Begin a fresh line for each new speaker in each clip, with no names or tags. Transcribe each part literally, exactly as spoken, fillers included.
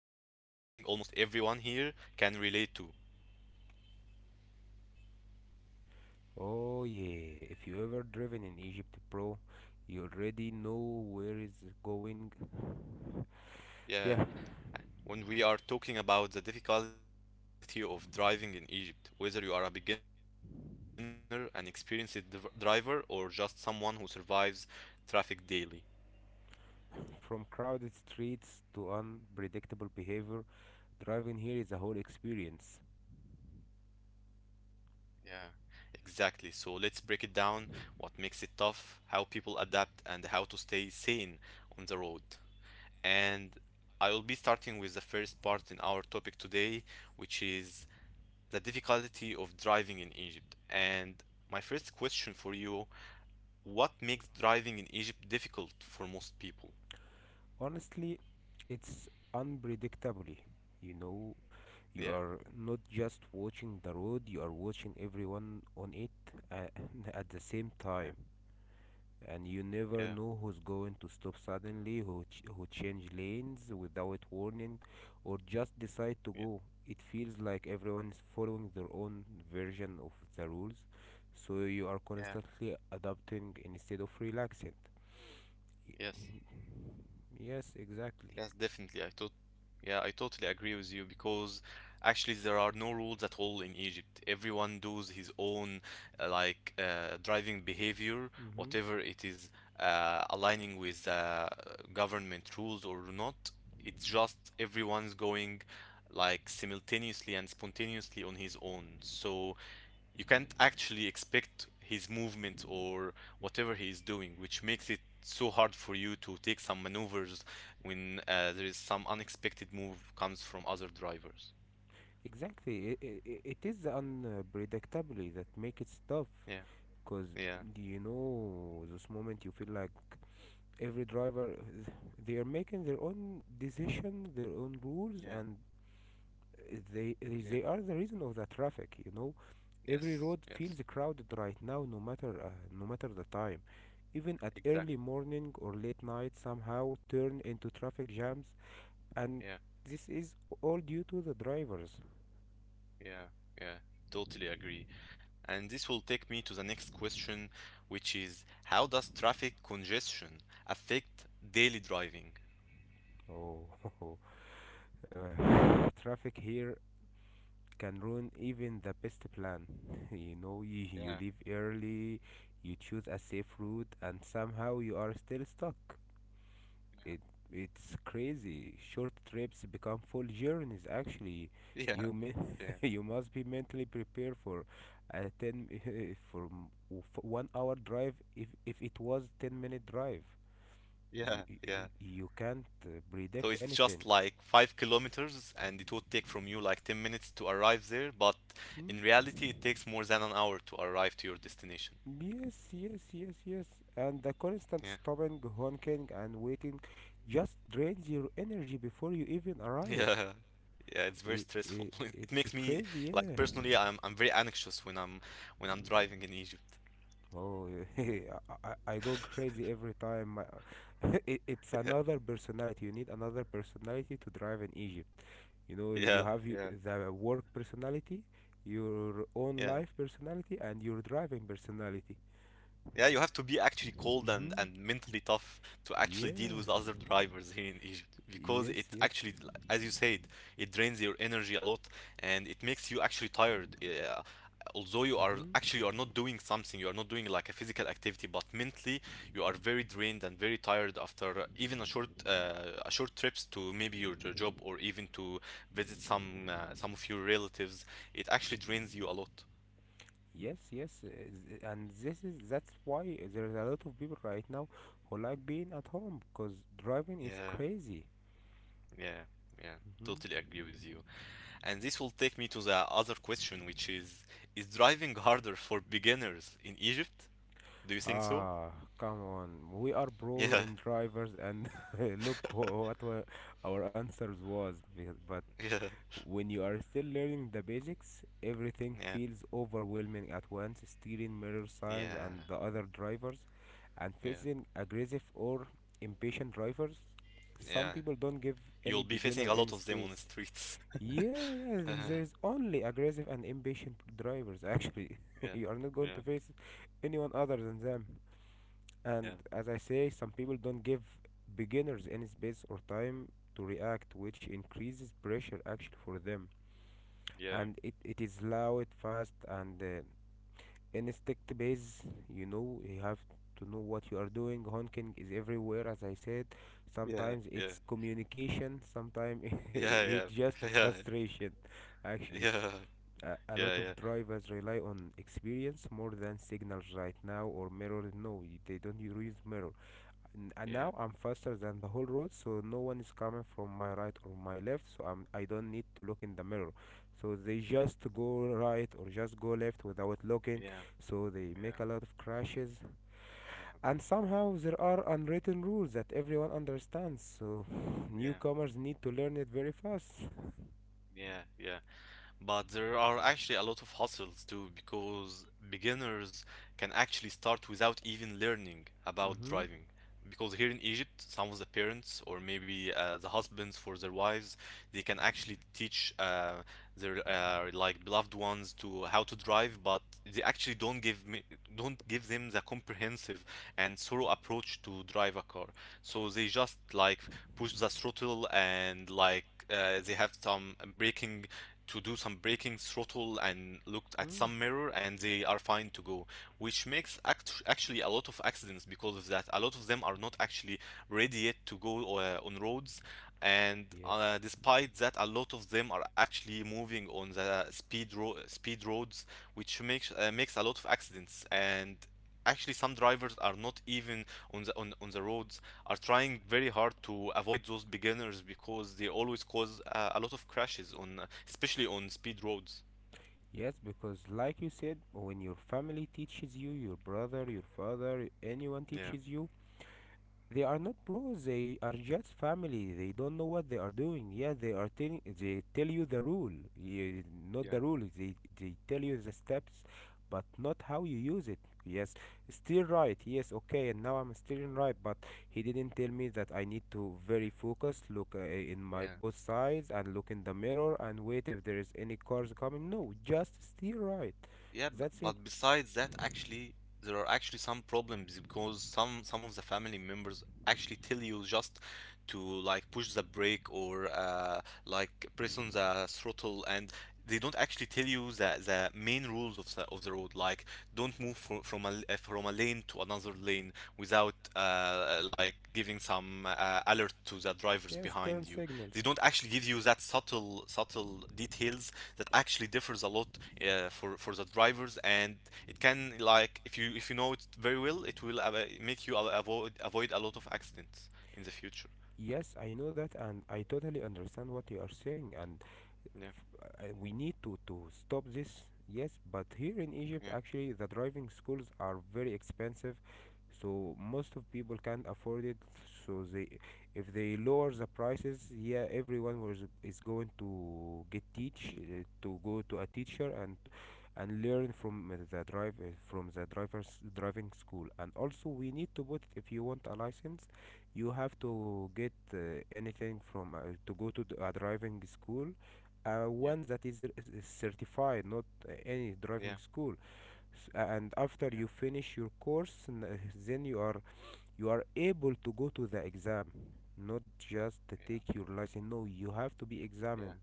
almost everyone here can relate to.
Oh yeah, if you ever driven in Egypt, bro, you already know where it's going.
Yeah,
Yeah,
when we are talking about the difficulty of driving in Egypt, whether you are a beginner, an experienced driver, or just someone who survives traffic daily.
from crowded streets to unpredictable behavior, driving here is a whole experience.
Yeah, exactly. So let's break it down, what makes it tough, how people adapt, and how to stay sane on the road. And I will be starting with the first part in our topic today, which is the difficulty of driving in Egypt. And my first question for you, what makes driving in Egypt difficult for most people?
Honestly, it's unpredictably. You know, you are
Yeah,
not just watching the road, you are watching everyone on it uh, at the same time.
yeah,
And you never
yeah,
know who's going to stop suddenly, who, ch- who change lanes without warning, or just decide to go.
yeah,
It feels like everyone is following their own version of the rules, so you are
yeah,
constantly adapting instead of relaxing. Y-
yes.
Yes, exactly.
Yes, definitely. I tot Yeah, I totally agree with you because actually there are no rules at all in Egypt. Everyone does his own uh, like uh, driving behavior,
hmm
whatever it is uh, aligning with uh, government rules or not. It's just everyone's going like simultaneously and spontaneously on his own. So you can't actually expect his movement or whatever he is doing, which makes it so hard for you to take some maneuvers when uh, there is some unexpected move comes from other drivers.
Exactly. It, it, it is the unpredictability that makes it tough.
Yeah,
Because,
yeah,
you know, this moment you feel like every driver they are making their own decision, their own rules,
yeah,
and uh, they they
yeah,
are the reason of the traffic, you know, every road
yes,
feels
yes,
crowded right now, no matter uh, no matter the time. Even at early
exactly.
morning or late night somehow turn into traffic jams, and
Yeah,
this is all due to the drivers.
yeah, yeah, totally agree. And this will take me to the next question, which is how does traffic congestion affect daily driving?
Oh, uh, traffic here can ruin even the best plan. You know, you, you
Yeah,
leave early, you choose a safe route, and somehow you are still stuck.
yeah,
It it's crazy. Short trips become full journeys. Actually,
yeah,
you may,
yeah,
you must be mentally prepared for a ten for m- w- f- one hour drive if if it was ten minute drive. y-
yeah,
y-
yeah.
y- you can't uh,
So
predict
it's just
anything.
like five kilometers, and it would take from you like ten minutes to arrive there, but
Mm,
in reality, it takes more than an hour to arrive to your destination.
yes, yes, yes, yes. And the constant
Yeah.
stopping, honking, and waiting just drains your energy before you even arrive.
Yeah. Yeah, it's
I
very
I
stressful. It
it's
makes me
crazy,
like
yeah.
personally, I'm I'm very anxious when I'm when I'm driving in Egypt.
Oh, I, I I go crazy every time. I- It, it's
Yeah.
another personality. You need another personality to drive in Egypt. You know, you, you
Yeah.
have y-
Yeah.
the work personality, your own
Yeah.
life personality, and your driving personality.
Yeah, you have to be actually cold and,
Mm-hmm.
and mentally tough to actually deal
Yeah.
with other drivers here in Egypt because it
Yes, yes.
actually, as you said, it drains your energy a lot and it makes you actually tired. Uh, although you are
Mm-hmm.
actually you are not doing something, you are not doing like a physical activity, but mentally you are very drained and very tired after even a short uh, a short trips to maybe your, your job or even to visit some uh, some of your relatives. It actually drains you a lot.
Yes, yes, uh, z- and this is that's why there's a lot of people right now who like being at home because driving is
Yeah,
crazy.
yeah, yeah. Totally
Hmm
agree with you. And this will take me to the other question, which is Is driving harder for beginners in Egypt? Do you think so?
Ah, come on, we are pro
Yeah,
in drivers, and look wha- what wa- our answers was. be- But
yeah,
when you are still learning the basics, everything
yeah,
feels overwhelming at once: steering, mirror signs,
yeah,
and the other drivers, and
yeah,
facing aggressive or impatient drivers. Some
yeah.
people don't give any
You'll be
beginner
facing a
any
lot of them on the
space.
streets.
Yeah, yeah, there's only aggressive and impatient drivers actually.
Yeah,
You are not going to
yeah,
face anyone other than them. And
yeah,
as I say, some people don't give beginners any space or time to react, which increases pressure actually for them.
yeah,
And it, it is loud, fast, and uh, instinct based. You know, you have to know what you are doing. Honking is everywhere, as I said. Sometimes
yeah,
it's communication, sometimes
yeah,
it's just
yeah, yeah,
frustration
yeah,
actually.
yeah, yeah,
A, a lot
yeah,
of
yeah,
drivers rely on experience more than signals right now, or mirror. No, y- they don't use mirror. N- and now
yeah,
I'm faster than the whole road, so no one is coming from my right or my left, so I'm, I don't need to look in the mirror. So they just go right or just go left without looking,
yeah,
so they make a lot of crashes. And somehow there are unwritten rules that everyone understands, so
yeah, yeah,
newcomers need to learn it very fast.
yeah, yeah. But there are actually a lot of hustles too, because beginners can actually start without even learning about
Mm-hmm.
driving. Because here in Egypt, some of the parents or maybe uh, the husbands for their wives, they can actually teach uh, their uh, like beloved ones to how to drive, but they actually don't give me don't give them the comprehensive and thorough approach to drive a car. So they just like push the throttle and like uh, they have some braking to do some braking throttle and looked at
hmm
some mirror and they are fine to go, which makes act- actually a lot of accidents because of that. A lot of them are not actually ready yet to go uh, on roads, and uh,
Yes.
despite that a lot of them are actually moving on the speed ro- speed roads, which makes uh, makes a lot of accidents, and actually some drivers are not even on the on, on the roads are trying very hard to avoid those beginners because they always cause uh, a lot of crashes on, especially on speed roads.
Yes, because like you said, when your family teaches you, your brother, your father, anyone
Yeah.
teaches you, they are not bros. They are just family. They don't know what they are doing. Yeah, they are telling. They tell you the rule. Yeah, not
Yeah,
the rule. They they tell you the steps, but not how you use it. Yes, still right. Yes, okay. And now I'm steering right. But he didn't tell me that I need to very focus. Look uh, in my
yeah.
both sides and look in the mirror and wait if there is any cars coming. No, just steer right.
Yeah, b-
That's it.
but besides that, actually, there are actually some problems because some some of the family members actually tell you just to like push the brake or uh, like press on the throttle, and they don't actually tell you the the main rules of the of the road, like don't move fro- from a l- uh, from a lane to another lane without uh, like giving some uh, alert to the drivers
Yes,
behind
turn
you. They
signals.
don't actually give you that subtle subtle details that actually differs a lot uh, for for the drivers, and it can like if you if you know it very well, it will uh, make you avoid avoid a lot of accidents in the future.
Yes, I know that, and I totally understand what you are saying, and
Yeah,
uh, we need to to stop this. Yes, but here in Egypt
yeah,
actually the driving schools are very expensive, so most of people can't afford it. So they, if they lower the prices, yeah, everyone was is going to get teach, uh, to go to a teacher and and learn from uh, the drive uh, from the driver's driving school. And also we need to put, if you want a license, you have to get uh, anything from uh, to go to the- a driving school, uh, one
yeah,
that is, r- is certified, not uh, any driving
yeah,
school. S- uh, and after you
yeah,
finish your course, n- uh, then you are you are able to go to the exam, not just to
yeah,
take your license. No, you have to be
yeah.
examined.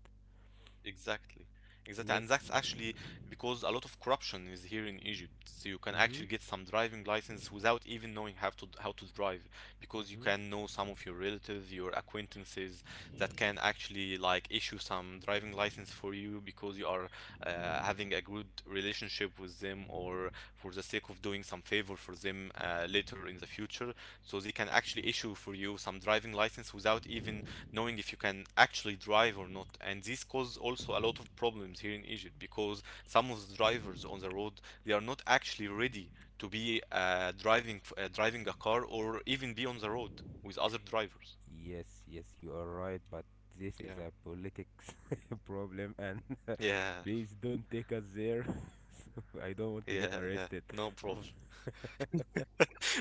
Exactly. Exactly. And
Yes.
that's actually because a lot of corruption is here in Egypt. So you can actually
Mhm.
get some driving license without even knowing how to how to drive, because you
Mhm.
can know some of your relatives, your acquaintances that can actually like issue some driving license for you because you are uh, having a good relationship with them or for the sake of doing some favor for them uh, later in the future. So they can actually issue for you some driving license without even knowing if you can actually drive or not. And this causes also a lot of problems here in Egypt because some of the drivers on the road, they are not actually ready to be uh, driving, uh, driving a car or even be on the road with other drivers.
Yes. Yes, you are right. But this is
Yeah.
a politics problem, and
Yeah,
please don't take us there. So I don't want to get
yeah, yeah.
arrested.
No problem.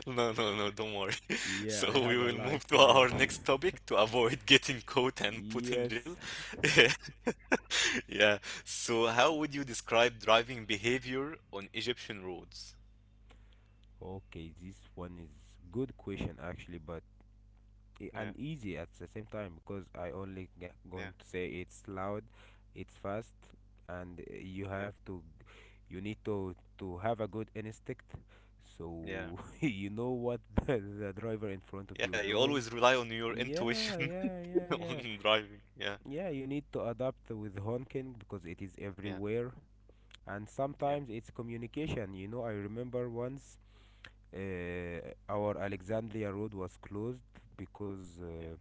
No, no, no, don't worry.
Yeah, I
So
have
we
a
will move
life
to
to live.
our next topic to avoid getting caught and put in
Yes.
jail. Yeah. So how would you describe driving behavior on Egyptian roads?
Okay, this one is good question actually, but i-
Yeah,
and easy at the same time because I only g-
yeah.
going to say it's loud, it's fast, and uh, you
Yeah.
have to, you need to to have a good instinct,
Yeah.
so you know what the, the driver in front of you are
Yeah, you
doing.
always rely on your
Yeah,
intuition
yeah, yeah, yeah.
on driving. Yeah.
Yeah, you need to adapt with honking because it is
Yeah.
everywhere. And
Yeah.
sometimes it's communication. You know, I remember once uh, our Alexandria Road was closed because uh,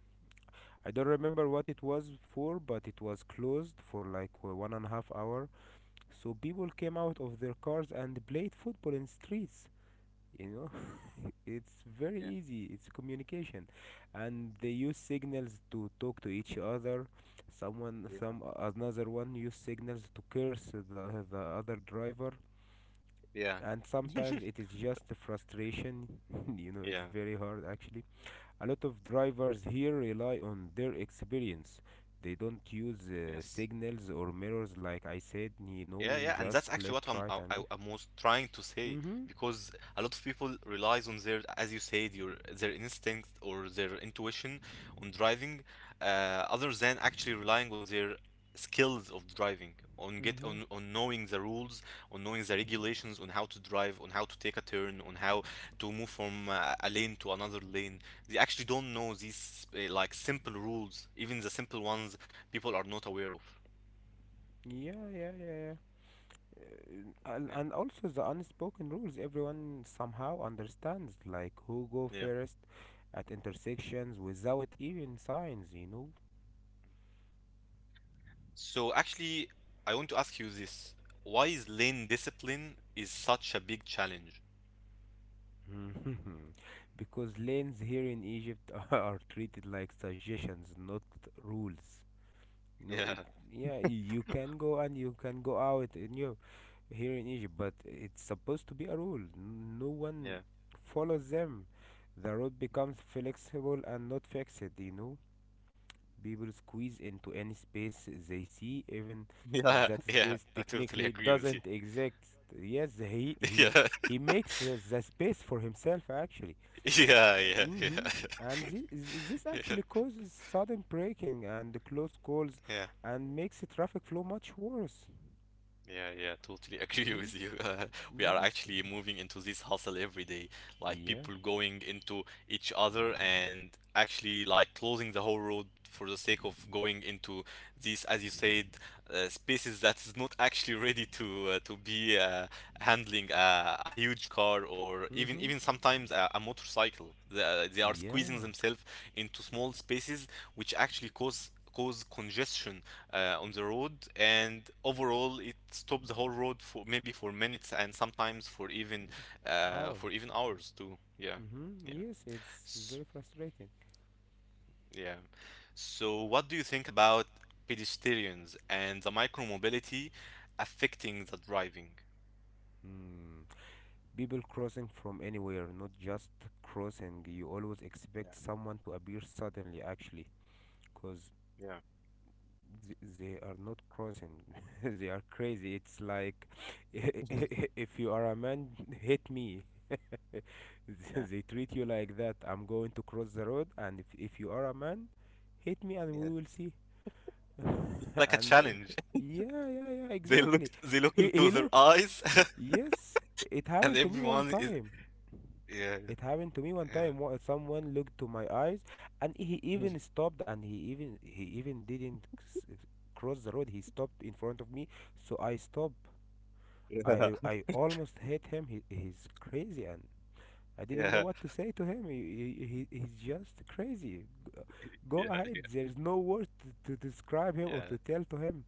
I don't remember what it was for, but it was closed for like uh, one and a half hour. So people came out of their cars and played football in streets. You know, it's very
Yeah.
easy. It's communication, and they use signals to talk to each other. Someone,
Yeah.
some another one use signals to curse the the other driver,
Yeah.
and sometimes
Yeah.
it is just frustration. You know, it's
Yeah.
very hard actually. A lot of drivers here rely on their experience. They don't use uh,
Yes.
signals or mirrors, like I said. You
Yeah,
know,
yeah, and
just
that's actually what
left,
I'm,
right,
I, I
and left.
I was trying to say
Mm-hmm.
because a lot of people relies on their, as you said, your their instinct or their intuition on driving, uh, other than actually relying on their skills of driving, on get
Mm-hmm.
on on knowing the rules, on knowing the regulations, on how to drive, on how to take a turn, on how to move from uh, a lane to another lane. They actually don't know these uh, like simple rules, even the simple ones people are not aware of.
Yeah, yeah, yeah, yeah. Uh, and,
Yeah.
and also the unspoken rules, everyone somehow understands, like who go
Yeah.
first at intersections without even signs, you know.
So actually, I want to ask you this. Why is lane discipline is such a big challenge?
Mhm, because lanes here in Egypt are treated like suggestions, not rules. You know, it,
Yeah,
yeah, y- you can go and you can go out in your here in Egypt, but it's supposed to be a rule. N- No one
yeah.
follows them. The road becomes flexible and not fixed, you know. People squeeze into any space they see, even
Yeah,
if that
yeah. I
space
totally
technically
agree with you.
doesn't exist. Yes, he
Yeah.
he he makes uh, the space for himself actually.
Yeah, yeah, yeah.
Hmm And this this
Yeah,
actually causes sudden braking and close calls,
yeah.
and makes the traffic flow much worse.
Yeah, yeah, totally agree
Hmm
with you. Uh, we are
Yes.
actually moving into this hustle every day, like
Yeah.
people going into each other and actually like closing the whole road for the sake of going into this, as you said, uh, spaces that is not actually ready to uh, to be uh, handling a, a huge car or even
hmm
even sometimes a, a motorcycle. They, uh, they are squeezing
Yeah.
themselves into small spaces, which actually cause cause congestion uh, on the road, and overall it stops the whole road for maybe for minutes and sometimes for even uh, for even
Hours.
hours too. Yeah,
Hmm
yeah.
Yes, it's
S-
very frustrating.
yeah. So, what do you think about pedestrians and the micromobility affecting the driving?
Hmm. People crossing from anywhere, not just crossing. You always
Yeah,
expect someone to appear suddenly, actually, because th- they are not crossing. They are crazy. It's like,
yeah,
if you are a man, hit me.
yeah,
They treat you like that. I'm going to cross the road, and if, if you are a man, hit me and we
yeah.
will see.
It's like a
And uh,
challenge.
yeah, yeah, yeah,
They
exactly.
look, they look
he he
into their
looks
eyes,
Yes, it
and
happened to me one
everyone is.
time
Yeah,
it happened to me one time. wha- Someone looked to my eyes, and he
yeah,
even stopped, and he even he even didn't s- cross the road. He stopped in front of me, so I stopped.
yeah,
I I
yeah,
I almost hit him. He, he's crazy, and I didn't know
yeah,
what to say to him. He, he, he- he's just crazy. G- Go ahead.
yeah,
There is no word to, to describe him or to
yeah.
tell to him.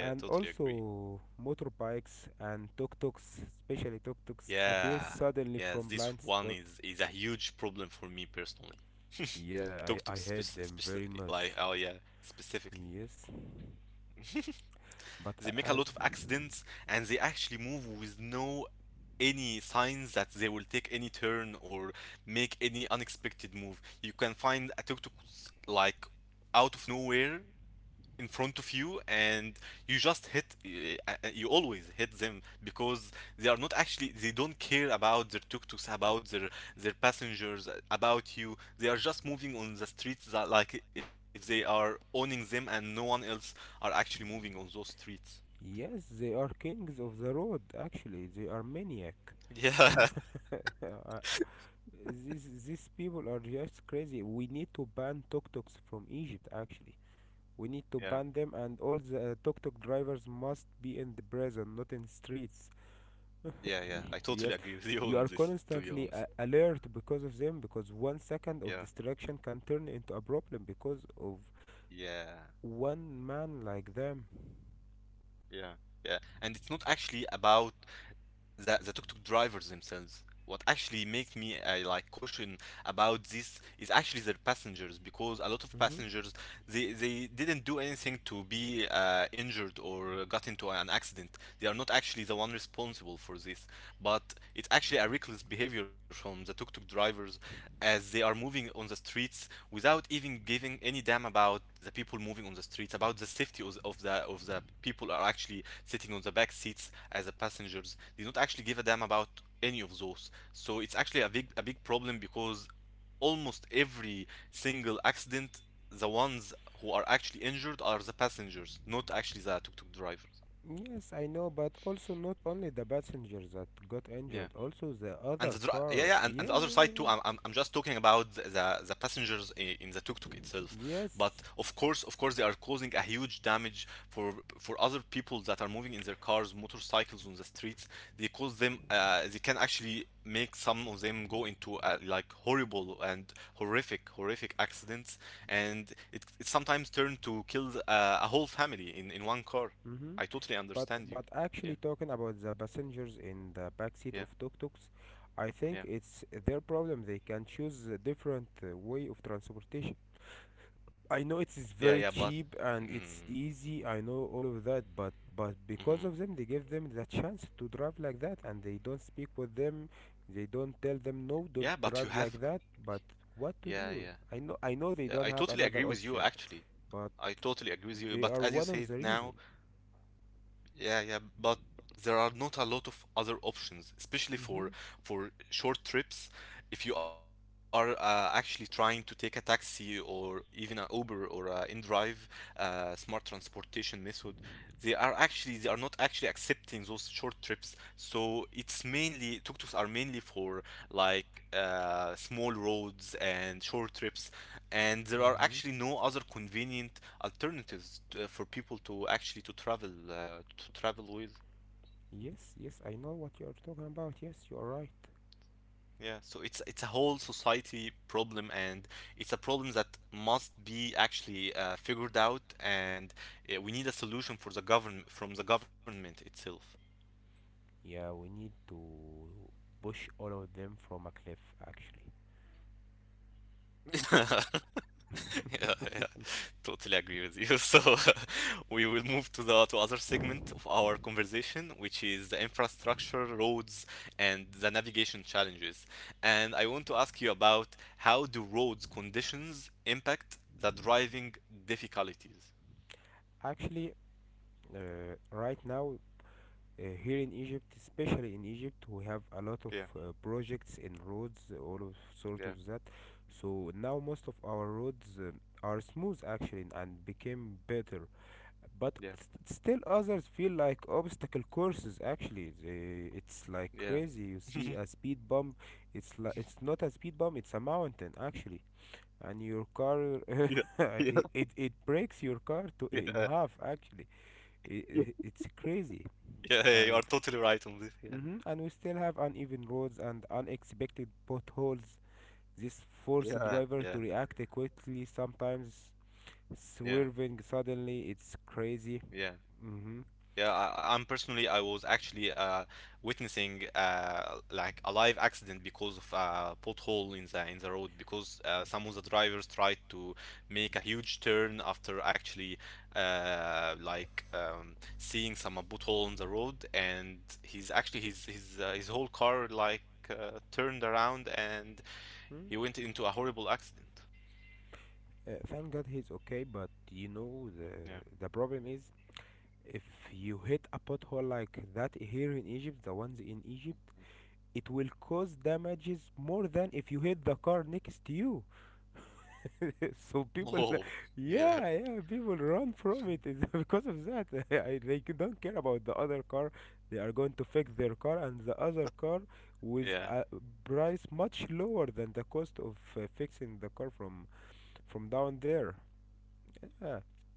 Yeah, totally agree.
also, motorbikes and tuk-tuks, especially tuk-tuks, appear
Yeah,
suddenly
yeah.
from
This
blind
one
spots.
is is a huge problem for me personally.
Yeah, I,
Tuk-tuk,
I hate
spec-
them very
especially like,
much.
oh yeah, specifically.
Yes, but
They make
a-
a lot of
as
accidents and they actually move with no any signs that they will take any turn or make any unexpected move. You can find a tuk-tuk like out of nowhere in front of you and you just hit uh, uh, you always hit them because they are not actually they don't care about their tuk-tuks, about their their passengers, about you. They are just moving on the streets that like if they are owning them and no one else are actually moving on those streets.
yes, they are kings of the road. Actually, they are maniac.
Yeah.
I- these these people are just crazy. We need to ban tuk-tuks from Egypt. Actually, we need to
Yeah.
ban them, and all the uh, tuk-tuk drivers must be in the prison, not in streets.
Yeah, yeah. I
Yes.
totally agree with you
You are
on this, to be
constantly a-
honest.
alert because of them, because one second of
Yeah.
distraction can turn into a problem because of
Yeah.
one man like them.
Yeah. Yeah. And it's not actually about the the tuk-tuk drivers themselves. What actually makes me uh, like caution about this is actually their passengers, because a lot of
Hmm
passengers, they they didn't do anything to be uh, injured or got into an accident. They are not actually the one responsible for this, but it's actually a reckless behavior behavior from the tuk tuk drivers as they are moving on the streets without even giving any damn about the people moving on the streets, about the safety of, the of the people are actually sitting on the back seats as the passengers. They don't actually give a damn about any of those. So it's actually a big a big problem because almost every single accident, the ones who are actually injured are the passengers, not actually the tuk tuk drivers.
Yes, I know, but also not only the passengers that got
Yeah.
injured, also the
And
other
the dri- yeah
car.
yeah and, and the
Yeah,
other
yeah,
side too.
yeah.
I'm, I'm, I'm just talking about the the passengers i- in the tuk-tuk itself. But
Yes.
of course, of course, they are causing a huge damage for for other people that are moving in their cars, motorcycles on the streets. They cause them. Uh, they can actually make some of them go into uh, like horrible and horrific horrific accidents, and it it sometimes turn to kill uh, a whole family in in one car.
Mm-hmm.
I totally
But
understand you.
but actually
Yeah
talking about the passengers in the backseat
yeah
of tuk-tuks, I think
yeah
it's their problem. They can choose a different uh, way of transportation. I know it is
yeah
very
yeah. But.
cheap and it's
Mm,
easy. I know all of that, but but because
mhm.
of them, they give them the chance to drive like that, and they don't speak with them. They don't tell them no, don't
Yeah, but you
drive
have.
like that. But what to
Yeah,
do?
yeah.
I know I know they
Yeah,
don't
I
have
totally agree
another
with you,
option,
actually.
but
I totally agree with you.
they
But
are
as you
one of
said
the reason.
now, yeah, yeah, but there are not a lot of other options,
Mhm.
especially for for short trips. If you are uh, actually trying to take a taxi or even an Uber or a InDrive, uh, smart transportation method, they are actually they are not actually accepting those short trips. So it's mainly tuk-tuks are mainly for like uh, small roads and short trips, and there are
Mhm.
actually no other convenient alternatives uh, for people to actually to travel uh, to travel with.
Yes, yes, I know what you are talking about. Yes, you are right.
Yeah, so it's it's a whole society problem, and it's a problem that must be actually uh, figured out, and uh, we need a solution for the govern from the government itself.
Yeah, we need to push all of them from a cliff, actually.
Yeah, yeah, totally agree with you. So uh, we will move to the to other segment of our conversation, which is the infrastructure, roads, and the navigation challenges. And I want to ask you about how do roads conditions impact the driving difficulties?
Actually, uh, right now, uh, here in Egypt, especially in Egypt, we have a lot of
Yeah,
uh, projects in roads, all of sort of
yeah,
that. So now most of our roads uh, are smooth actually and became better. But
yeah,
st- still others feel like obstacle courses actually. They,
yeah.
it's like crazy. You see a speed bump, it's like it's not a speed bump, it's a mountain actually. And your car
Yeah, yeah,
it, it it breaks your car to in
yeah,
half actually.
yeah,
It, it's crazy
yeah, you are
and
totally right on this. Yeah.
hmm and we still have uneven roads and unexpected potholes. This force
Yeah,
driver to
yeah,
react quickly sometimes,
yeah,
swerving suddenly. It's crazy.
yeah.
Mm-hmm.
Yeah, I, I- I'm personally, I was actually uh, witnessing uh, like a live accident because of a pothole in the in the road because uh, some of the drivers tried to make a huge turn after actually uh, like um, seeing some uh, pothole on the road, and he's actually his his uh, his whole car like uh, turned around and he
Mm.
went into a horrible accident.
Uh, thank God he's okay, but you know the
Yeah.
the problem is, if you hit a pothole like that here in Egypt, the ones in Egypt, it will cause damages more than if you hit the car next to you. So people,
Oh, yeah,
yeah, yeah, people run from it is because of that. I, they c- don't care about the other car. They are going to fix their car and the other car
yeah,
with a price much lower than the cost of uh, fixing the car from from down there. Yeah.
yeah,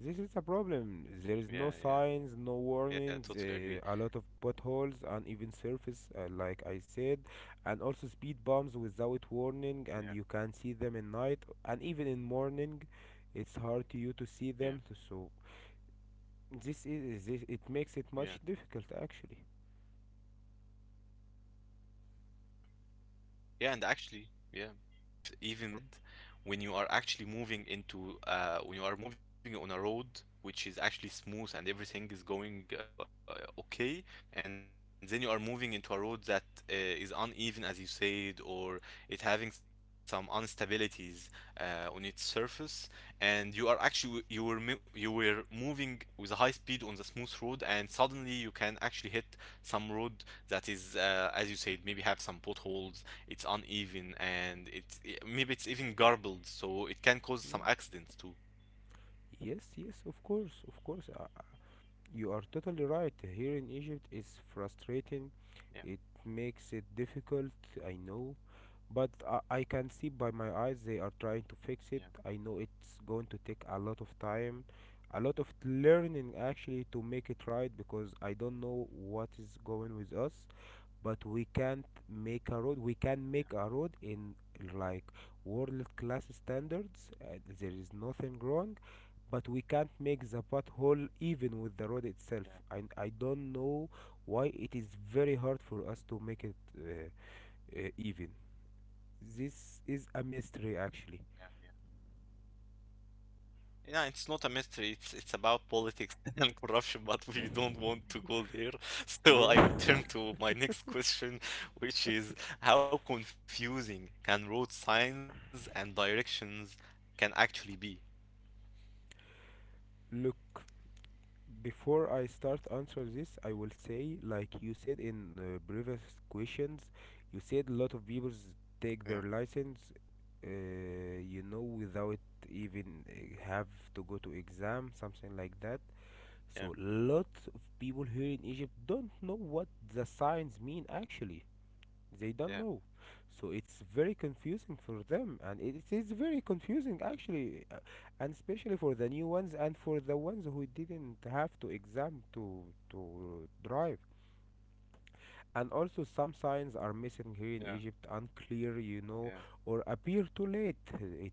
This is a problem.
yeah,
There is
yeah,
no signs, no
yeah. Totally
warnings,
agree.
uh, a lot of potholes, uneven surface, uh, like I said, and also speed bumps without warning,
Yeah.
and you can see them in night and even in morning.
Yeah,
It's hard to you to see them. t- So
yeah,
this is this. It makes it much difficult
yeah.
actually.
Yeah, and actually, yeah. And and what actually make it even more bad when you are actually moving into uh, when you are moving on a road which is actually smooth and everything is going uh, okay, and then you are moving into a road that uh, is uneven as you said, or it having some instabilities uh, on its surface, and you are actually you were mo- you were moving with a high speed on the smooth road, and suddenly you can actually hit some road that is uh, as you said maybe have some potholes. It's uneven and it, i- maybe it's even garbled, so it can cause
Mm.
some accidents too.
Yes, yes, of course, of course. Uh, uh, you are totally right. Here in Egypt, it's frustrating.
Yeah,
It makes it difficult. I know. But I, I can see by my eyes they are trying to fix it. I
yeah,
know it's going to take a lot of time, a lot of learning actually to make it right because I don't know what is going with us. But we can't make a road. We can make a
yeah,
road in like world class standards. Uh, there is nothing wrong, but we can't make the pothole
mhm,
even with the road itself.
yeah,
I I don't know why it is very hard for us to make it uh, uh, even. This is a mystery, actually.
yeah, yeah. Yeah, it's not a mystery. It's it's about politics and corruption, but we don't want to go there.
Yeah.
So I will turn to my next question, which is how confusing can road signs and directions can actually be?
Look, before I start answer this, I will say, like you said in uh, previous questions, you said a lot of people take their
Yeah,
license, uh, you know, without even uh, have to go to exam, something like that. So lot
yeah,
of people here in Egypt don't know what the signs mean actually. They don't know,
yeah,
so it's very confusing for them and it it is very confusing actually, uh, and especially for the new ones and for the ones who didn't have to exam to to drive. And also some signs are missing here in
yeah,
Egypt, unclear, you
yeah,
know, or appear too late. it, it,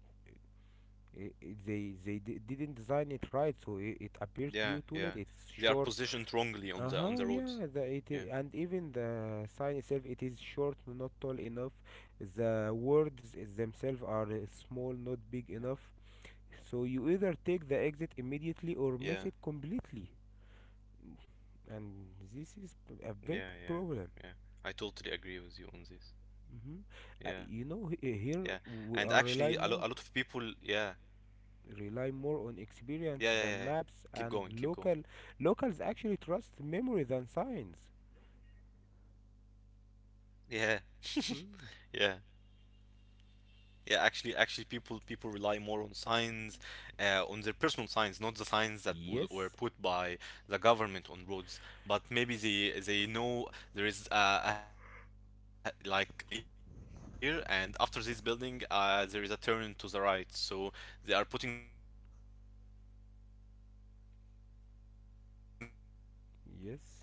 it- they they di- didn't design it right, so it, it appeared to you
yeah,
too late.
yeah.
It's
They are
short.
positioned wrongly on the
Uh-huh,
on the
yeah,
roads.
the it i-
Yeah,
and even the sign itself it is short, no, not tall enough. The words themselves are uh, small, not big
yeah.
enough. So you either take the exit immediately or
Yeah.
miss it completely, and this is p- a
Yeah,
very big
yeah,
problem.
yeah. I totally agree with you on this.
Hmm.
Yeah,
Uh, you know, he- uh,
yeah.
here
And
we are
actually, a,
rely
lo- a
more,
lot of people, yeah,
rely more on
yeah,
experience
yeah, yeah,
than
yeah.
maps,
Keep going,
and
keep going.
local locals actually trust memory than signs.
Yeah,
Hmm.
yeah, yeah. Actually, actually, people people rely more on signs, uh, on their personal signs, not the signs that w
Yes.
were put by the government on roads. But maybe they they know there is uh, a, like uh, some sort of a building here, and after this building, uh, there is a turn to the right. So they are putting their own signs, and they rely mostly on their memory.
Yes,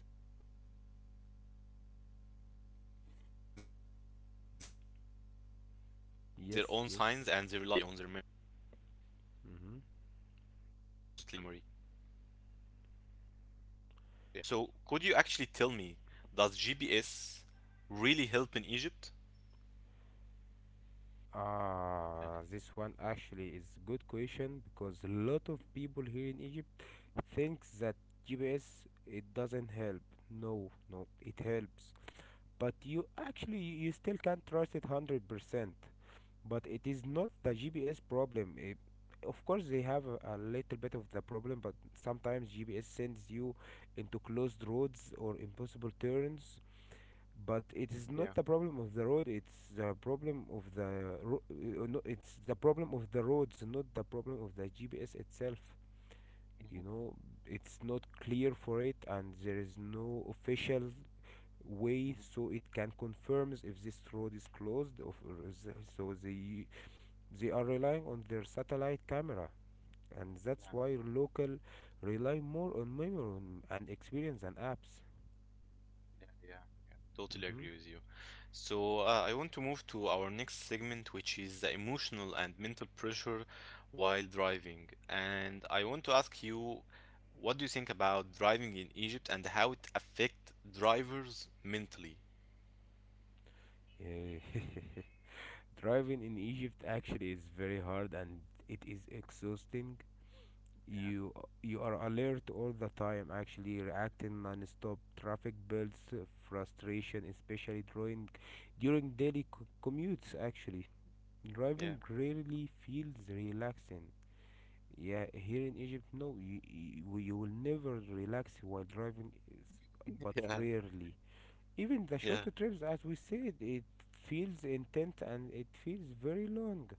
yes, yes. Hmm.
Yeah. So, could you actually tell me, does G P S really help in Egypt?
Ah, this one actually is good question because a lot of people here in Egypt thinks that G P S it doesn't help. No, no, it helps. But you actually you still can't trust it one hundred percent. But it is not the G P S problem. It, of course they have a, a little bit of the problem, but sometimes G P S sends you into closed roads or impossible turns, but it is not the problem of the road. It's the
Yeah.
problem of the ro- uh, no, it's the problem of the roads, not the problem of the G P S itself, you know. It's not
Hmm.
clear for it, and there is no official way so it can
Hmm.
confirms if this road is closed of- or is- the- so they they are relying on their satellite camera. And that's why
Yeah. Yeah.
local rely more on memory and experience than apps.
Yeah. Yeah.
Hmm.
Totally agree with you. So, uh, I want to move to our next segment, which is the emotional and mental pressure while driving. And I want to ask you, what do you think about driving in Egypt and how it affect drivers mentally?
Yeah. Driving in Egypt actually is very hard and it is exhausting.
Yeah.
You you are alert all the time, actually reacting non-stop. Traffic builds uh, frustration, especially during during daily c- commutes. Actually,
Yeah.
driving rarely feels relaxing. Yeah, here in Egypt, no, you, you, you will never relax while driving, s- but rarely. Even the
Yeah. Yeah.
short trips, as we said, it feels intense and it feels very long.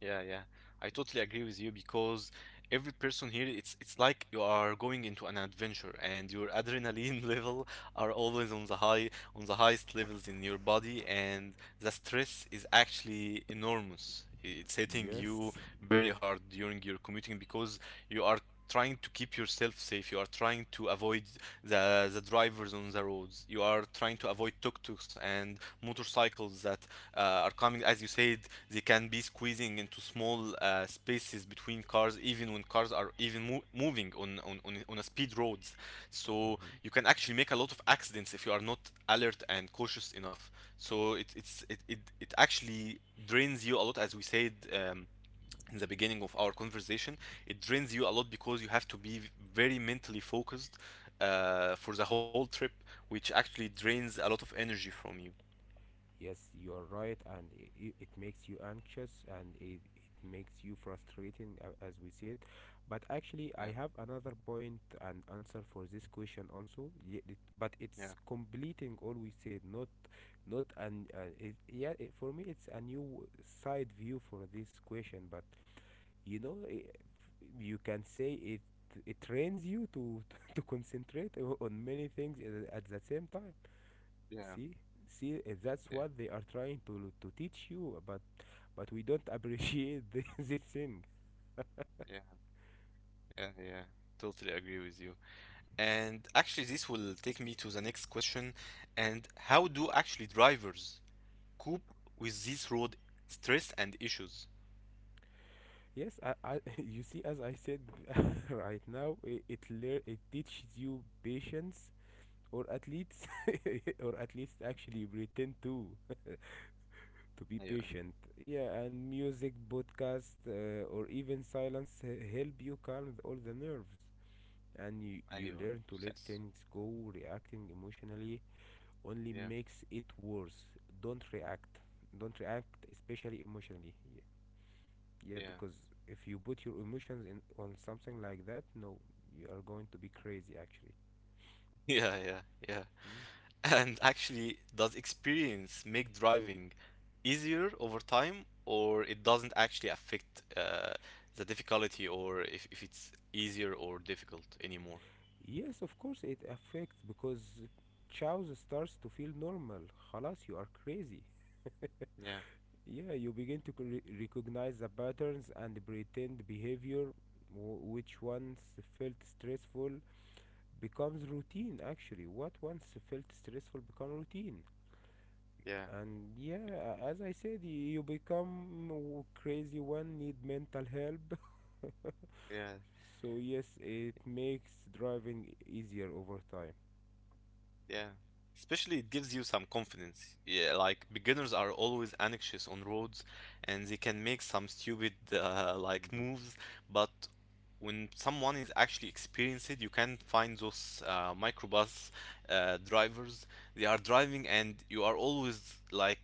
Yeah, yeah. I totally agree with you because every person here, it's it's like you are going into an adventure and your adrenaline level are always on the high on the highest levels in your body, and the stress is actually enormous. It's hitting you
Yes.
very hard during your commuting because you are trying to keep yourself safe. You are trying to avoid the the drivers on the roads. You are trying to avoid tuk-tuks and motorcycles that uh, are coming as you said, they can be squeezing into small uh, spaces between cars even when cars are even mo- moving on, on on on a speed roads, so
Hmm.
you can actually make a lot of accidents if you are not alert and cautious enough. So it it's it it, it actually drains you a lot, as we said, um, in the beginning of our conversation. It drains you a lot because you have to be very mentally focused uh, for the whole trip, which actually drains a lot of energy from you.
Yes, you are right, and it, it makes you anxious and it, it makes you frustrating, a- as we said. But actually,
Yeah,
I have another point and answer for this question also. Ye- it- But
yeah,
it's completing all we said, not not an uh, it, yeah. It, for me, it's a new side view for this question, but you know i- you can say it, it trains you to to concentrate o- on many things at at the same time.
yeah.
See, see uh, that's
Yeah,
what they are trying to to teach you, but but we don't appreciate the, this thing.
yeah, yeah, yeah. Totally agree with you. And actually, this will take me to the next question. And how do actually drivers cope with this road stress and issues?
Yes, I, I you see as I said right now it it, lear- it teaches you patience, or at least or at least actually pretend to to be
ايوه
patient. Yeah, and music, podcast, uh, or even silence h- help you calm all the nerves. And you, you
ايوه
learn to let
yes.
things go. Reacting emotionally only
Yeah,
makes it worse. Don't react. Don't react, especially emotionally. Yeah, yeah,
yeah.
because if you put your emotions in on something like that, no, you are going to be crazy actually.
Yeah, yeah, yeah.
Mm.
And actually, does experience make driving easier over time, or it doesn't actually affect uh, the difficulty or if, if it's easier or difficult anymore?
Yes, of course it affects because chows starts to feel normal. خلاص you are crazy.
Yeah,
Yeah, you begin to cre- recognize the patterns and pretend behavior, w- which once felt stressful becomes routine. Actually, what once felt stressful become routine.
yeah,
And yeah, a- as I said, y- you become w- crazy one need mental help.
yeah.
So yes, it makes driving easier over time.
Yeah. Especially it gives you some confidence. Yeah, like beginners are always anxious on roads and they can make some stupid uh, like
This.
moves, but when someone is actually experienced, you can find those uh, microbus uh, drivers. They are driving and you are always like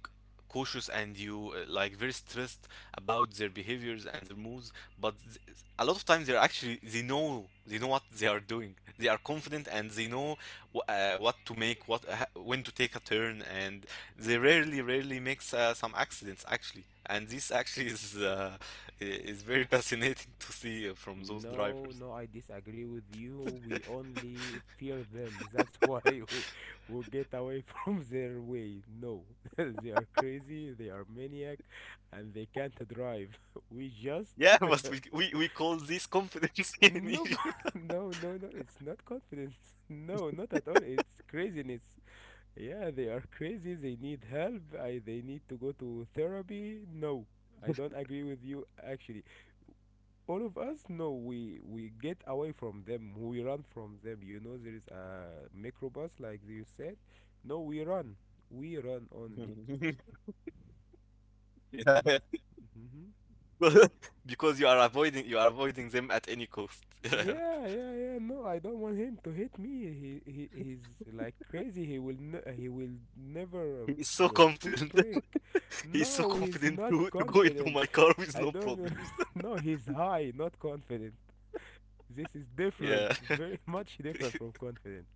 cautious and you uh, like very stressed about their behaviors and their moves, but th- a lot of times, they're actually, they know they know what they are doing. They are confident and they know wh- uh, what to make, what uh, when to take a turn, and they rarely, rarely makes uh, some accidents actually. And this actually is uh, i- is very fascinating to see uh, from those
No,
drivers.
no, I disagree with you. We only fear them. That's why we, we get away from their way. No, they are crazy, they are maniac, and they can't drive. We just.
Yeah, but we we, we call this confidence in
No, b-
Egypt.
no, no, no, it's not confidence. No, not at all. It's craziness. Yeah, they are crazy, they need help, I, they need to go to therapy. No, I don't agree with you actually. All of us, no, we we get away from them, we run from them. You know, there is a microbus like you said, no we run, we run only.
Yeah. Yeah.
Hmm.
Because you are avoiding you are avoiding them at any cost.
Yeah, yeah, yeah, no I don't want him to hit me. He, he he's like crazy, he will ne- he will never uh,
He is so
b- push
confident.
brake.
He is so
No, he's
confident
not
to to go into
confident.
my car with
I
no
don't know.
problems.
No, he's high, not confident. This is different,
Yeah,
very much different from confident.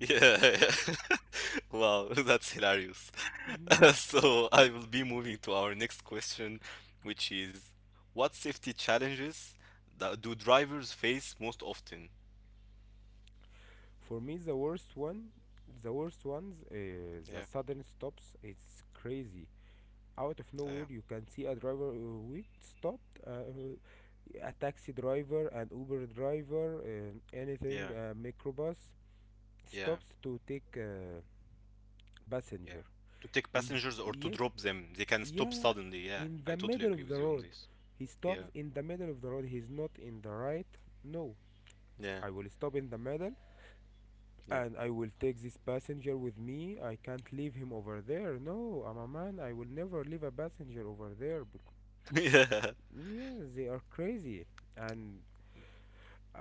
yeah. Wow, that's hilarious.
Mm-hmm.
So I will be moving to our next question, which is what safety challenges that do drivers face most often?
For me, the worst one, the worst ones, uh, the
Yeah,
sudden stops. It's crazy. Out of nowhere,
yeah,
you can see a driver uh, wait stopped, uh, a taxi driver, an Uber driver, uh, anything,
yeah,
a microbus
yeah,
stops to take uh,
yeah.
passenger.
To take
In
passengers or to
Yes,
drop them, they can stop
yeah,
suddenly. Yeah,
in
I
the
totally
middle
agree
of
with
the
you on
road.
this.
He stops
Yeah,
in the middle of the road. He's not in the right. No,
yeah,
I will stop in the middle,
yeah.
and I will take this passenger with me. I can't leave him over there. No, I'm a man. I will never leave a passenger over there. Bec-
Yeah.
yeah, they are crazy. And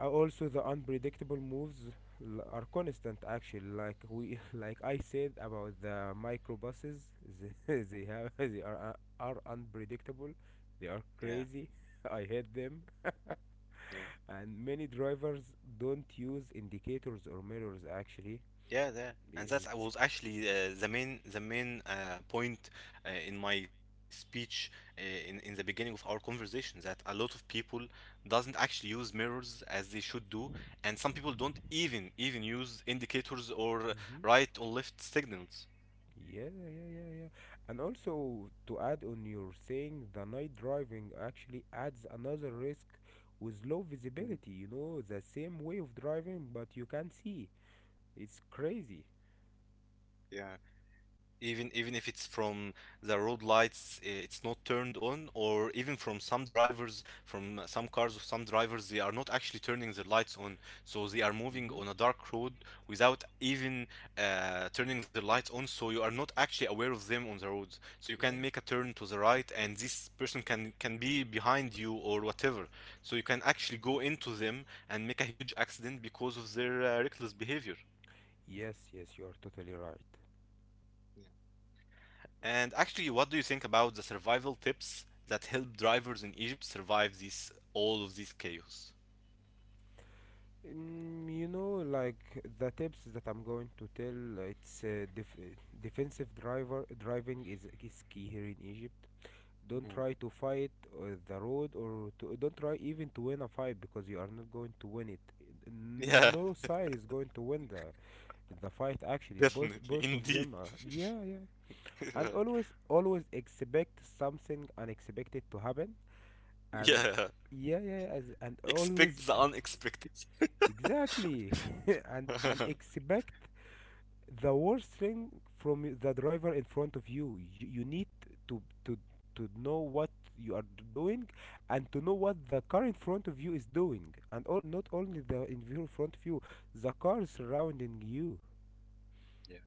uh, also the unpredictable moves l- are constant actually, like we like I said about the microbuses, they, they
Mhm.
have they are uh, are unpredictable. They are
Yeah,
crazy. I hate them.
yeah.
And many drivers don't use indicators or mirrors actually.
Yeah, yeah, and that
It's
was actually uh, the main the main uh, point uh, in my speech uh, in in the beginning of our conversation that a lot of people doesn't actually use mirrors as they should do, and some people don't even even use indicators or
Hmm.
right or left signals.
Yeah, yeah, yeah, yeah, yeah. And also to add on your saying, the night driving actually adds another risk with low
Mhm,
visibility. You know, the same way of driving, but you can't see. It's
mhm.
crazy.
Yeah, even even if it's from the road lights, uh, it's not turned on, or even from some drivers, from uh, some cars of some drivers, they are not actually turning their lights on, so they are moving
Hmm.
on a dark road without even uh, turning their lights on. So you are not actually aware of them on the roads. So you can
Yeah.
make a turn to the right, and this person can can be behind you or whatever. So you can actually go into them and make a huge accident because of their uh, reckless behavior.
Yes, yes, you are totally right.
Yeah. And actually, what do you think about the survival tips that help drivers in Egypt survive this all of this chaos?
Mm, you know, like the tips that I'm going to tell, uh, it's uh, def defensive driver driving is is key here in Egypt. Don't
Mhm.
try to fight uh, the road, or to, don't try even to win a fight because you are not going to win it.
Yeah,
No side is going to win the the fight actually. Both
definitely,
both of
indeed.
them are, yeah, yeah. And always, always expect something unexpected to happen. And
Yeah,
yeah, yeah, yeah, as- and always.
expect the unexpected.
Exactly. and and expect the worst thing from y- the driver in front of you. You, you need to, to, to know what you are d- doing and to know what the car in front of you is doing. And all, not only the in view- front of you, the car surrounding you.
Yeah,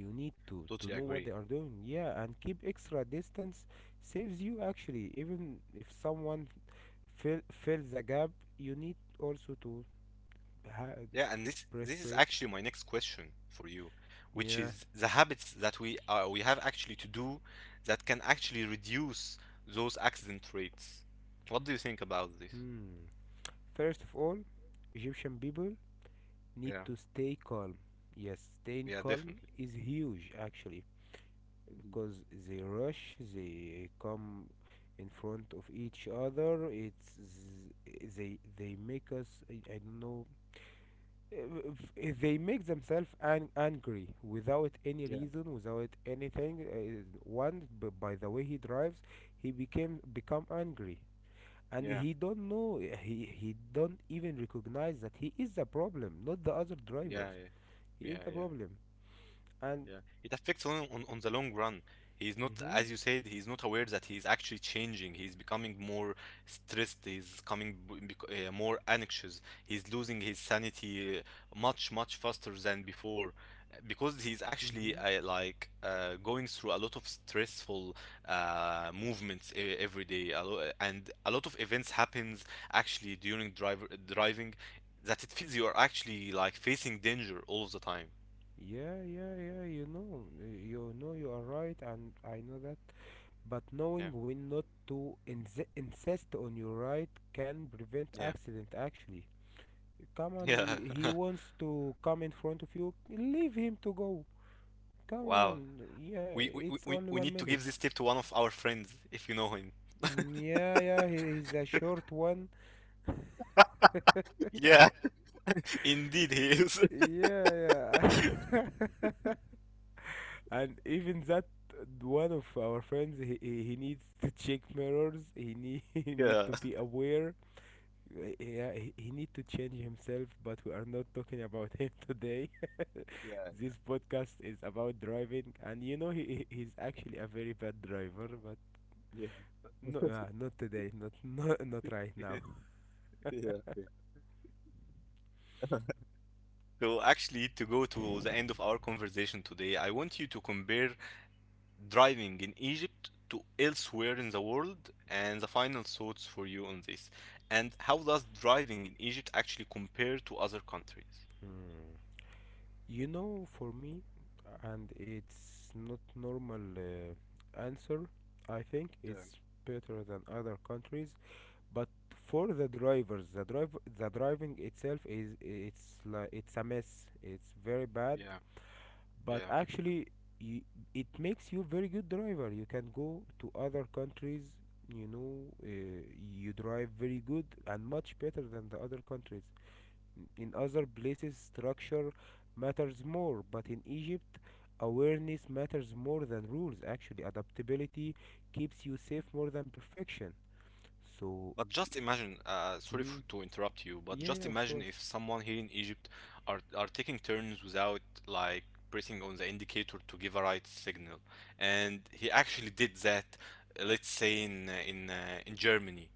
You need to, to
totally
know what
agree.
they are doing. Yeah, and keep extra distance saves you actually. Even if someone fill, fills the gap, you need also to ha-
Yeah, and this
press
this is
brake.
actually my next question for you, which
Yeah.
is the habits that we uh, we have actually to do that can actually reduce those accident rates. What do you think about this?
Hmm. First of all, Egyptian people need
Yeah,
to stay calm. Yes, staying
yeah,
calm
definitely.
is huge actually because they rush, they come in front of each other. It's they they make us, I, I don't know, eh, eh, they make themselves an- angry without any
Yeah,
reason, without anything. Uh, one b- by the way he drives, he became become angry and
yeah.
he don't know, he he don't even recognize that he is the problem, not the other
Yeah,
drivers. He
yeah,
is
yeah,
the
yeah.
problem, and
Yeah, it affects on, on on the long run. He's not,
mhm,
as you said, he's not aware that he's actually changing. He's becoming more stressed. He's coming b- bec- uh, more anxious. He's losing his sanity uh, much, much faster than before uh, because he's actually
mhm,
uh, like uh, going through a lot of stressful uh, movements e- every day. A lo- eh, and a lot of events happens actually during driver driving that it feels you are actually like facing danger all of the time.
yeah, yeah, yeah. You know, uh, you know, you are right and I know that, but knowing when not to insi- insist on your right can prevent
Yeah.
accident actually. Come on,
Yeah.
he he wants to come in front of you, leave him to go, come
Wow.
on, yeah.
We, we we
It's
we
only
we
one
need to give
minute
this tip to one of our friends if you know him.
Yeah, yeah, he, he's a short one.
Yeah, indeed, he is.
Yeah, yeah. And even that, one of our friends, he, he he needs to check mirrors. He need he need
Yeah,
to be aware. Uh, Yeah, he, he need to change himself. But we are not talking about him today.
yeah,
This podcast is about driving, and you know he he- he's actually a very bad driver. But
yeah,
no, uh, not today. Not not not right now.
yeah, yeah. So actually, to go to the end of our conversation today, I want you to compare driving in Egypt to elsewhere in the world and the final thoughts for you on this. And how does driving in Egypt actually compare to other countries?
Hmm. You know, for me, and it's not normal uh, answer. I think
Yeah,
it's better than other countries, but for the drivers, the drive, the driving itself is, it's like, it's a mess. It's very bad,
yeah,
but
yeah.
actually, you, it makes you very good driver. You can go to other countries. You know, uh, you drive very good and much better than the other countries. In other places, structure matters more, but in Egypt, awareness matters more than rules. Actually, adaptability keeps you safe more than perfection. So,
But just imagine, uh, sorry for,
mhm,
to interrupt you, but
yeah,
just
yeah, of
imagine if
course.
someone here in Egypt are are taking turns without like pressing on the indicator to give a right signal, and he actually did that. uh, Let's say in uh, in uh, in Germany,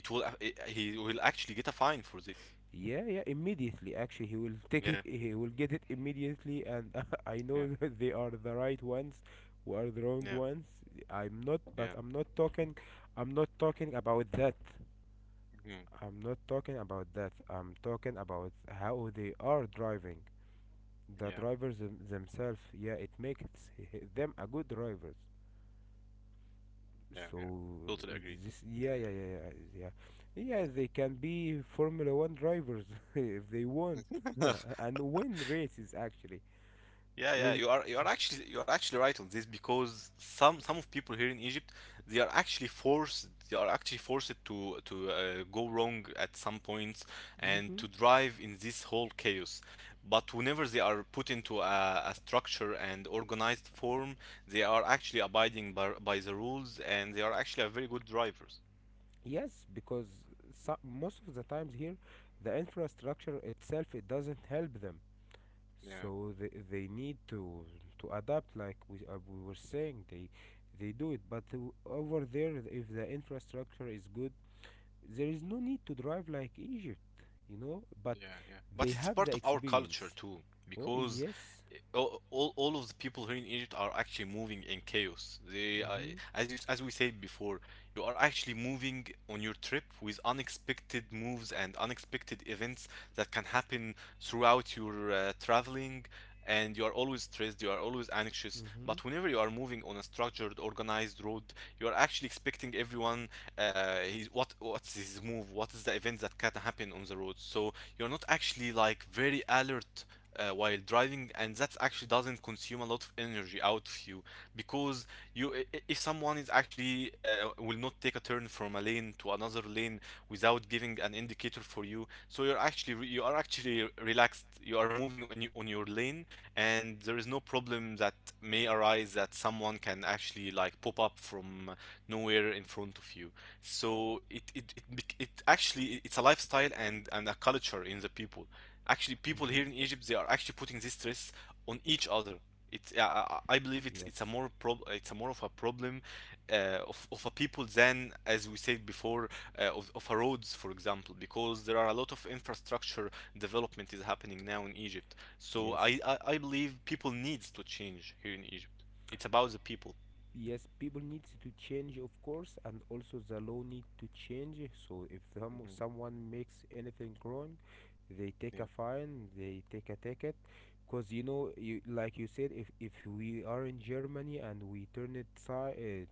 it will a- I- he will actually get a fine for this.
Yeah, yeah, immediately. Actually, he will take
Yeah,
it, he will get it immediately, and I
yeah,
know that they are the right ones, who are the wrong
yeah,
ones. I'm not, but
yeah,
I'm not talking, I'm not talking about that.
mhm,
I'm not talking about that. I'm talking about how they are driving. The
yeah,
drivers them- themselves, yeah, it makes h- them a good drivers,
yeah, yeah.
so
Totally agree.
this, yeah, yeah, yeah, yeah, yeah. Yeah, they can be formula one drivers if they want and win races actually
Yeah, yeah,
with.
you are you are actually you are actually right on this because some some of people here in Egypt they are actually forced they are actually forced to to uh, go wrong at some points and to
Hmm.
drive in this whole chaos. But whenever they are put into a, a structure and organized form, they are actually abiding by, by the rules and they are actually a very good drivers.
Yes, because so, most of the times here, the infrastructure itself, it doesn't help them,
Yeah.
so they, they need to to adapt, like we, uh, we were saying. they they do it but w- over there, if the infrastructure is good, there is no need to drive like Egypt, you know, but
Yeah, yeah. But
they
it's
have the
part of our culture
experience.
too,
Oh,
because
yes.
i- all, all, all of the people here in Egypt are actually moving in chaos. They, uh,
Mm-hmm.
as you, s- as we said before, you are actually moving on your trip with unexpected moves and unexpected events that can happen throughout your uh, traveling, and you are always stressed, you are always anxious.
Mm-hmm.
But whenever you are moving on a structured, organized road, you are actually expecting everyone, uh, his, what, what's his move, what is the event that can happen on the road. So you're not actually like very alert uh, while driving, and that actually doesn't consume a lot of energy out of you because you i- if someone is actually uh, will not take a turn from a lane to another lane without giving an indicator for you, so you're actually re- you are actually relaxed. You are moving on y- on your lane, and there is no problem that may arise that someone can actually like pop up from nowhere in front of you. So it it it bec- it actually it's a lifestyle and and a culture in the people. Actually, people
Mm-hmm.
here in Egypt they are actually putting this stress on each other. It's yeah, I, I I believe it's it's a
Yes.
more prob it's a more of a problem uh, of of a people than as we said before uh, of of a roads for example because there are a lot of infrastructure development is happening now in Egypt. So
Yes.
I I, I believe people needs to change here in Egypt. It's about the people.
Yes, people needs to change, of course, and also the law need to change. So if some,
Hmm.
someone makes anything wrong, they take a
Yeah,
fine, they take a ticket. Because you know, you like you said, if, if we are in Germany and we turn it si-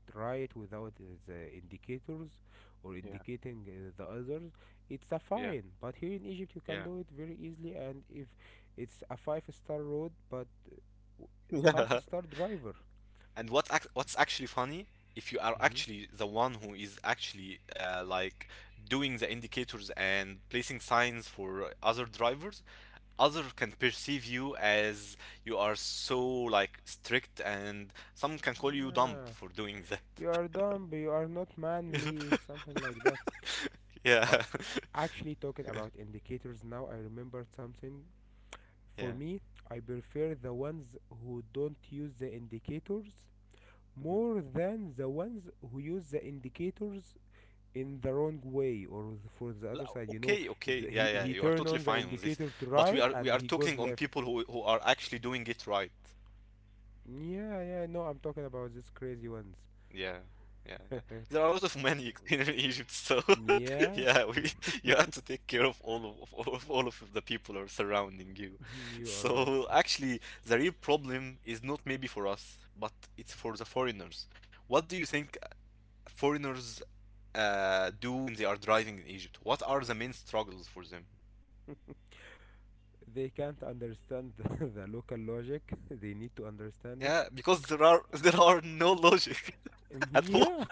uh, right without uh, the indicators or
yeah,
indicating uh, the others, it's a fine. But here in Egypt you can
yeah,
do it very easily. And if it's a five star road but w- half
yeah.
star driver.
And what ac- what's actually funny, if you are
Hmm.
actually the one who is actually uh, like doing the indicators and placing signs for other drivers, other can perceive you as you are so like strict, and some can call you dumb
Yeah,
for doing that.
you are dumb, you are not manly, something like that. But
Yeah,
actually, talking about indicators now, I remembered something.
yeah.
For me, I prefer the ones who don't use the indicators
Mhm.
more than the ones who use the indicators in the wrong way or th- for the other
La-
side. You know,
Okay, okay,
th-
yeah,
he
yeah.
he
You are
turn
totally
on the
fine on this,
indicator to
but we
right
are we
and
are
he
talking
goes
on people
left.
who who are actually doing it right.
Yeah, yeah, no, I'm talking about these crazy ones.
Yeah, yeah, yeah. There are a lot of men in in Egypt, so.
Yeah,
Yeah, we, you have to take care of all of, of all of all of the people who are surrounding you.
you are right.
So actually, the real problem is not maybe for us, but it's for the foreigners. What do you think foreigners uh, do when they are driving in Egypt? What are the main struggles for them?
They can't understand the local logic. They need to understand it.
Yeah, because there are there are no logic
Mm,
at all.
yeah,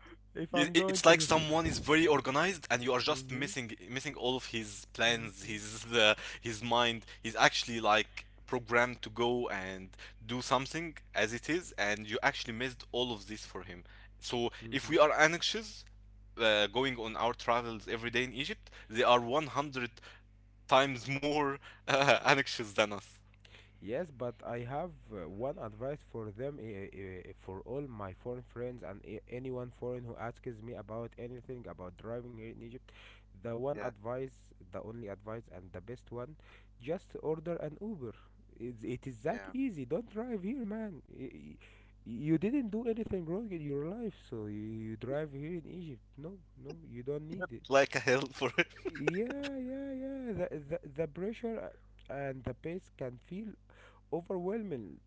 if
Y-
I'm
i-
going
It's like
to.
someone is very organized, and you are just
Hmm.
missing missing all of his plans,
Hmm.
his uh, his mind. He's actually like programmed to go and do something as it is, and you actually missed all of this for him. So if we
Hmm.
are anxious, uh, going on our travels every day in Egypt, they are one hundred times more uh, anxious than us.
Yes, but I have uh, one advice for them, i- i- for all my foreign friends and a- anyone foreign who asks me about anything about driving here in Egypt. The one
Yeah,
advice, the only advice, and the best one, just order an Uber. It's, it is that
yeah,
easy. Don't drive here, man. Y- y- You didn't do anything wrong in your life, so you, you drive here in Egypt. No, no, you don't need it.
like a hell for it.
Yeah, yeah, yeah. The, the, the pressure uh, and the pace can feel overwhelming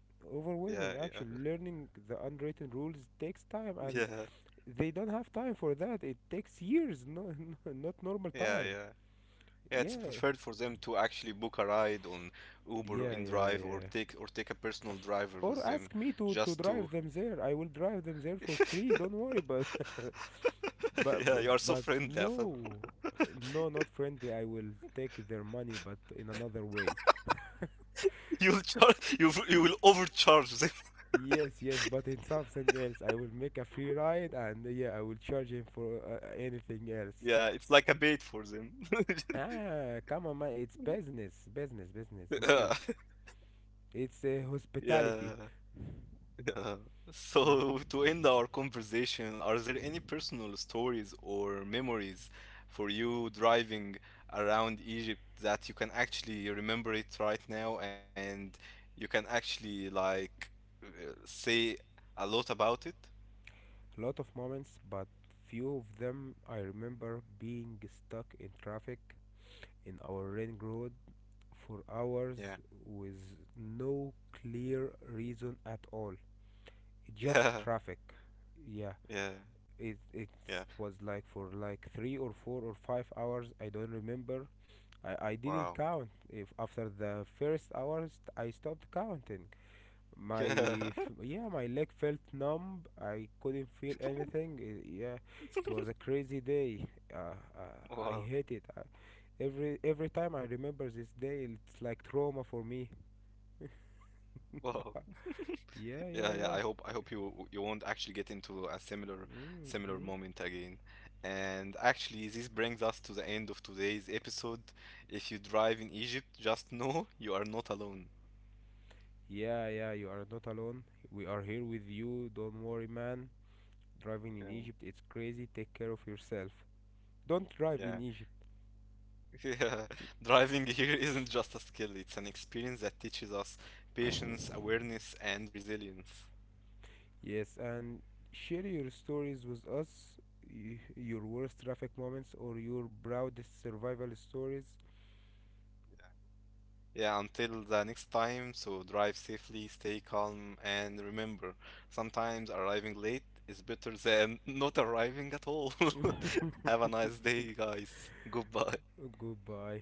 Yeah,
overwhelming. Actually,
yeah,
learning the unwritten rules takes time, and
yeah.
they don't have time for that. It takes years, no, not normal
Yeah,
time.
yeah. Yeah, it's
Yeah,
preferred for them to actually book a ride on Uber or
yeah, yeah,
InDrive or
yeah.
take or take a personal driver
Or
with them
ask me to to
just
drive
to
them there, I will drive them there for free, don't worry. But but
Yeah, you
but,
are so
but
friendly, Atham.
no. No, not friendly, I will take their money but in another way.
You'll charge you you will overcharge them.
Yes, yes, but in something else, I will make a free ride and, uh, yeah, I will charge him for uh, anything else.
Yeah, it's like a bait for them.
Ah, come on, man. It's business, business, business. Money.
Yeah.
It's uh, hospitality.
Yeah. Yeah.
Mhm.
So, to end our conversation, are there any personal stories or memories for you driving around Egypt that you can actually remember it right now and you can actually like uh, say a lot about it?
A lot of moments, but few of them I remember being stuck in traffic in our ring road for
Yeah.
hours with no clear reason at all. Just traffic. Yeah,
Yeah, yeah,
it it
yeah.
was like for like three or four or five hours. I don't remember, I, I didn't
Wow.
count. If after the first hours, I stopped counting. My
Yeah.
f- yeah, my leg felt numb. I couldn't feel anything. I- Yeah, it was a crazy day. Uh, uh, I
Wow,
hate it. Uh, every every time I remember this day, it's like trauma for me.
wow.
Yeah,
Yeah, yeah.
yeah,
I
yeah.
hope I hope you you won't actually get into a similar similar
Mm-hmm.
moment again. And actually, this brings us to the end of today's episode. If you drive in Egypt, just know you are not alone.
Yeah, yeah, you are not alone. We are here with you. Don't worry, man. Driving in
Yeah,
Egypt, it's crazy. Take care of yourself. Don't drive in
yeah.
Egypt.
Yeah. Driving here isn't just a skill, it's an experience that teaches us patience, awareness, and resilience.
Yes, and share your stories with us, y- your worst traffic moments or your proudest survival stories.
Yeah, until the next time, so drive safely, stay calm, and remember, sometimes arriving late is better than not arriving at all. Have a nice day, guys. Goodbye.
Goodbye.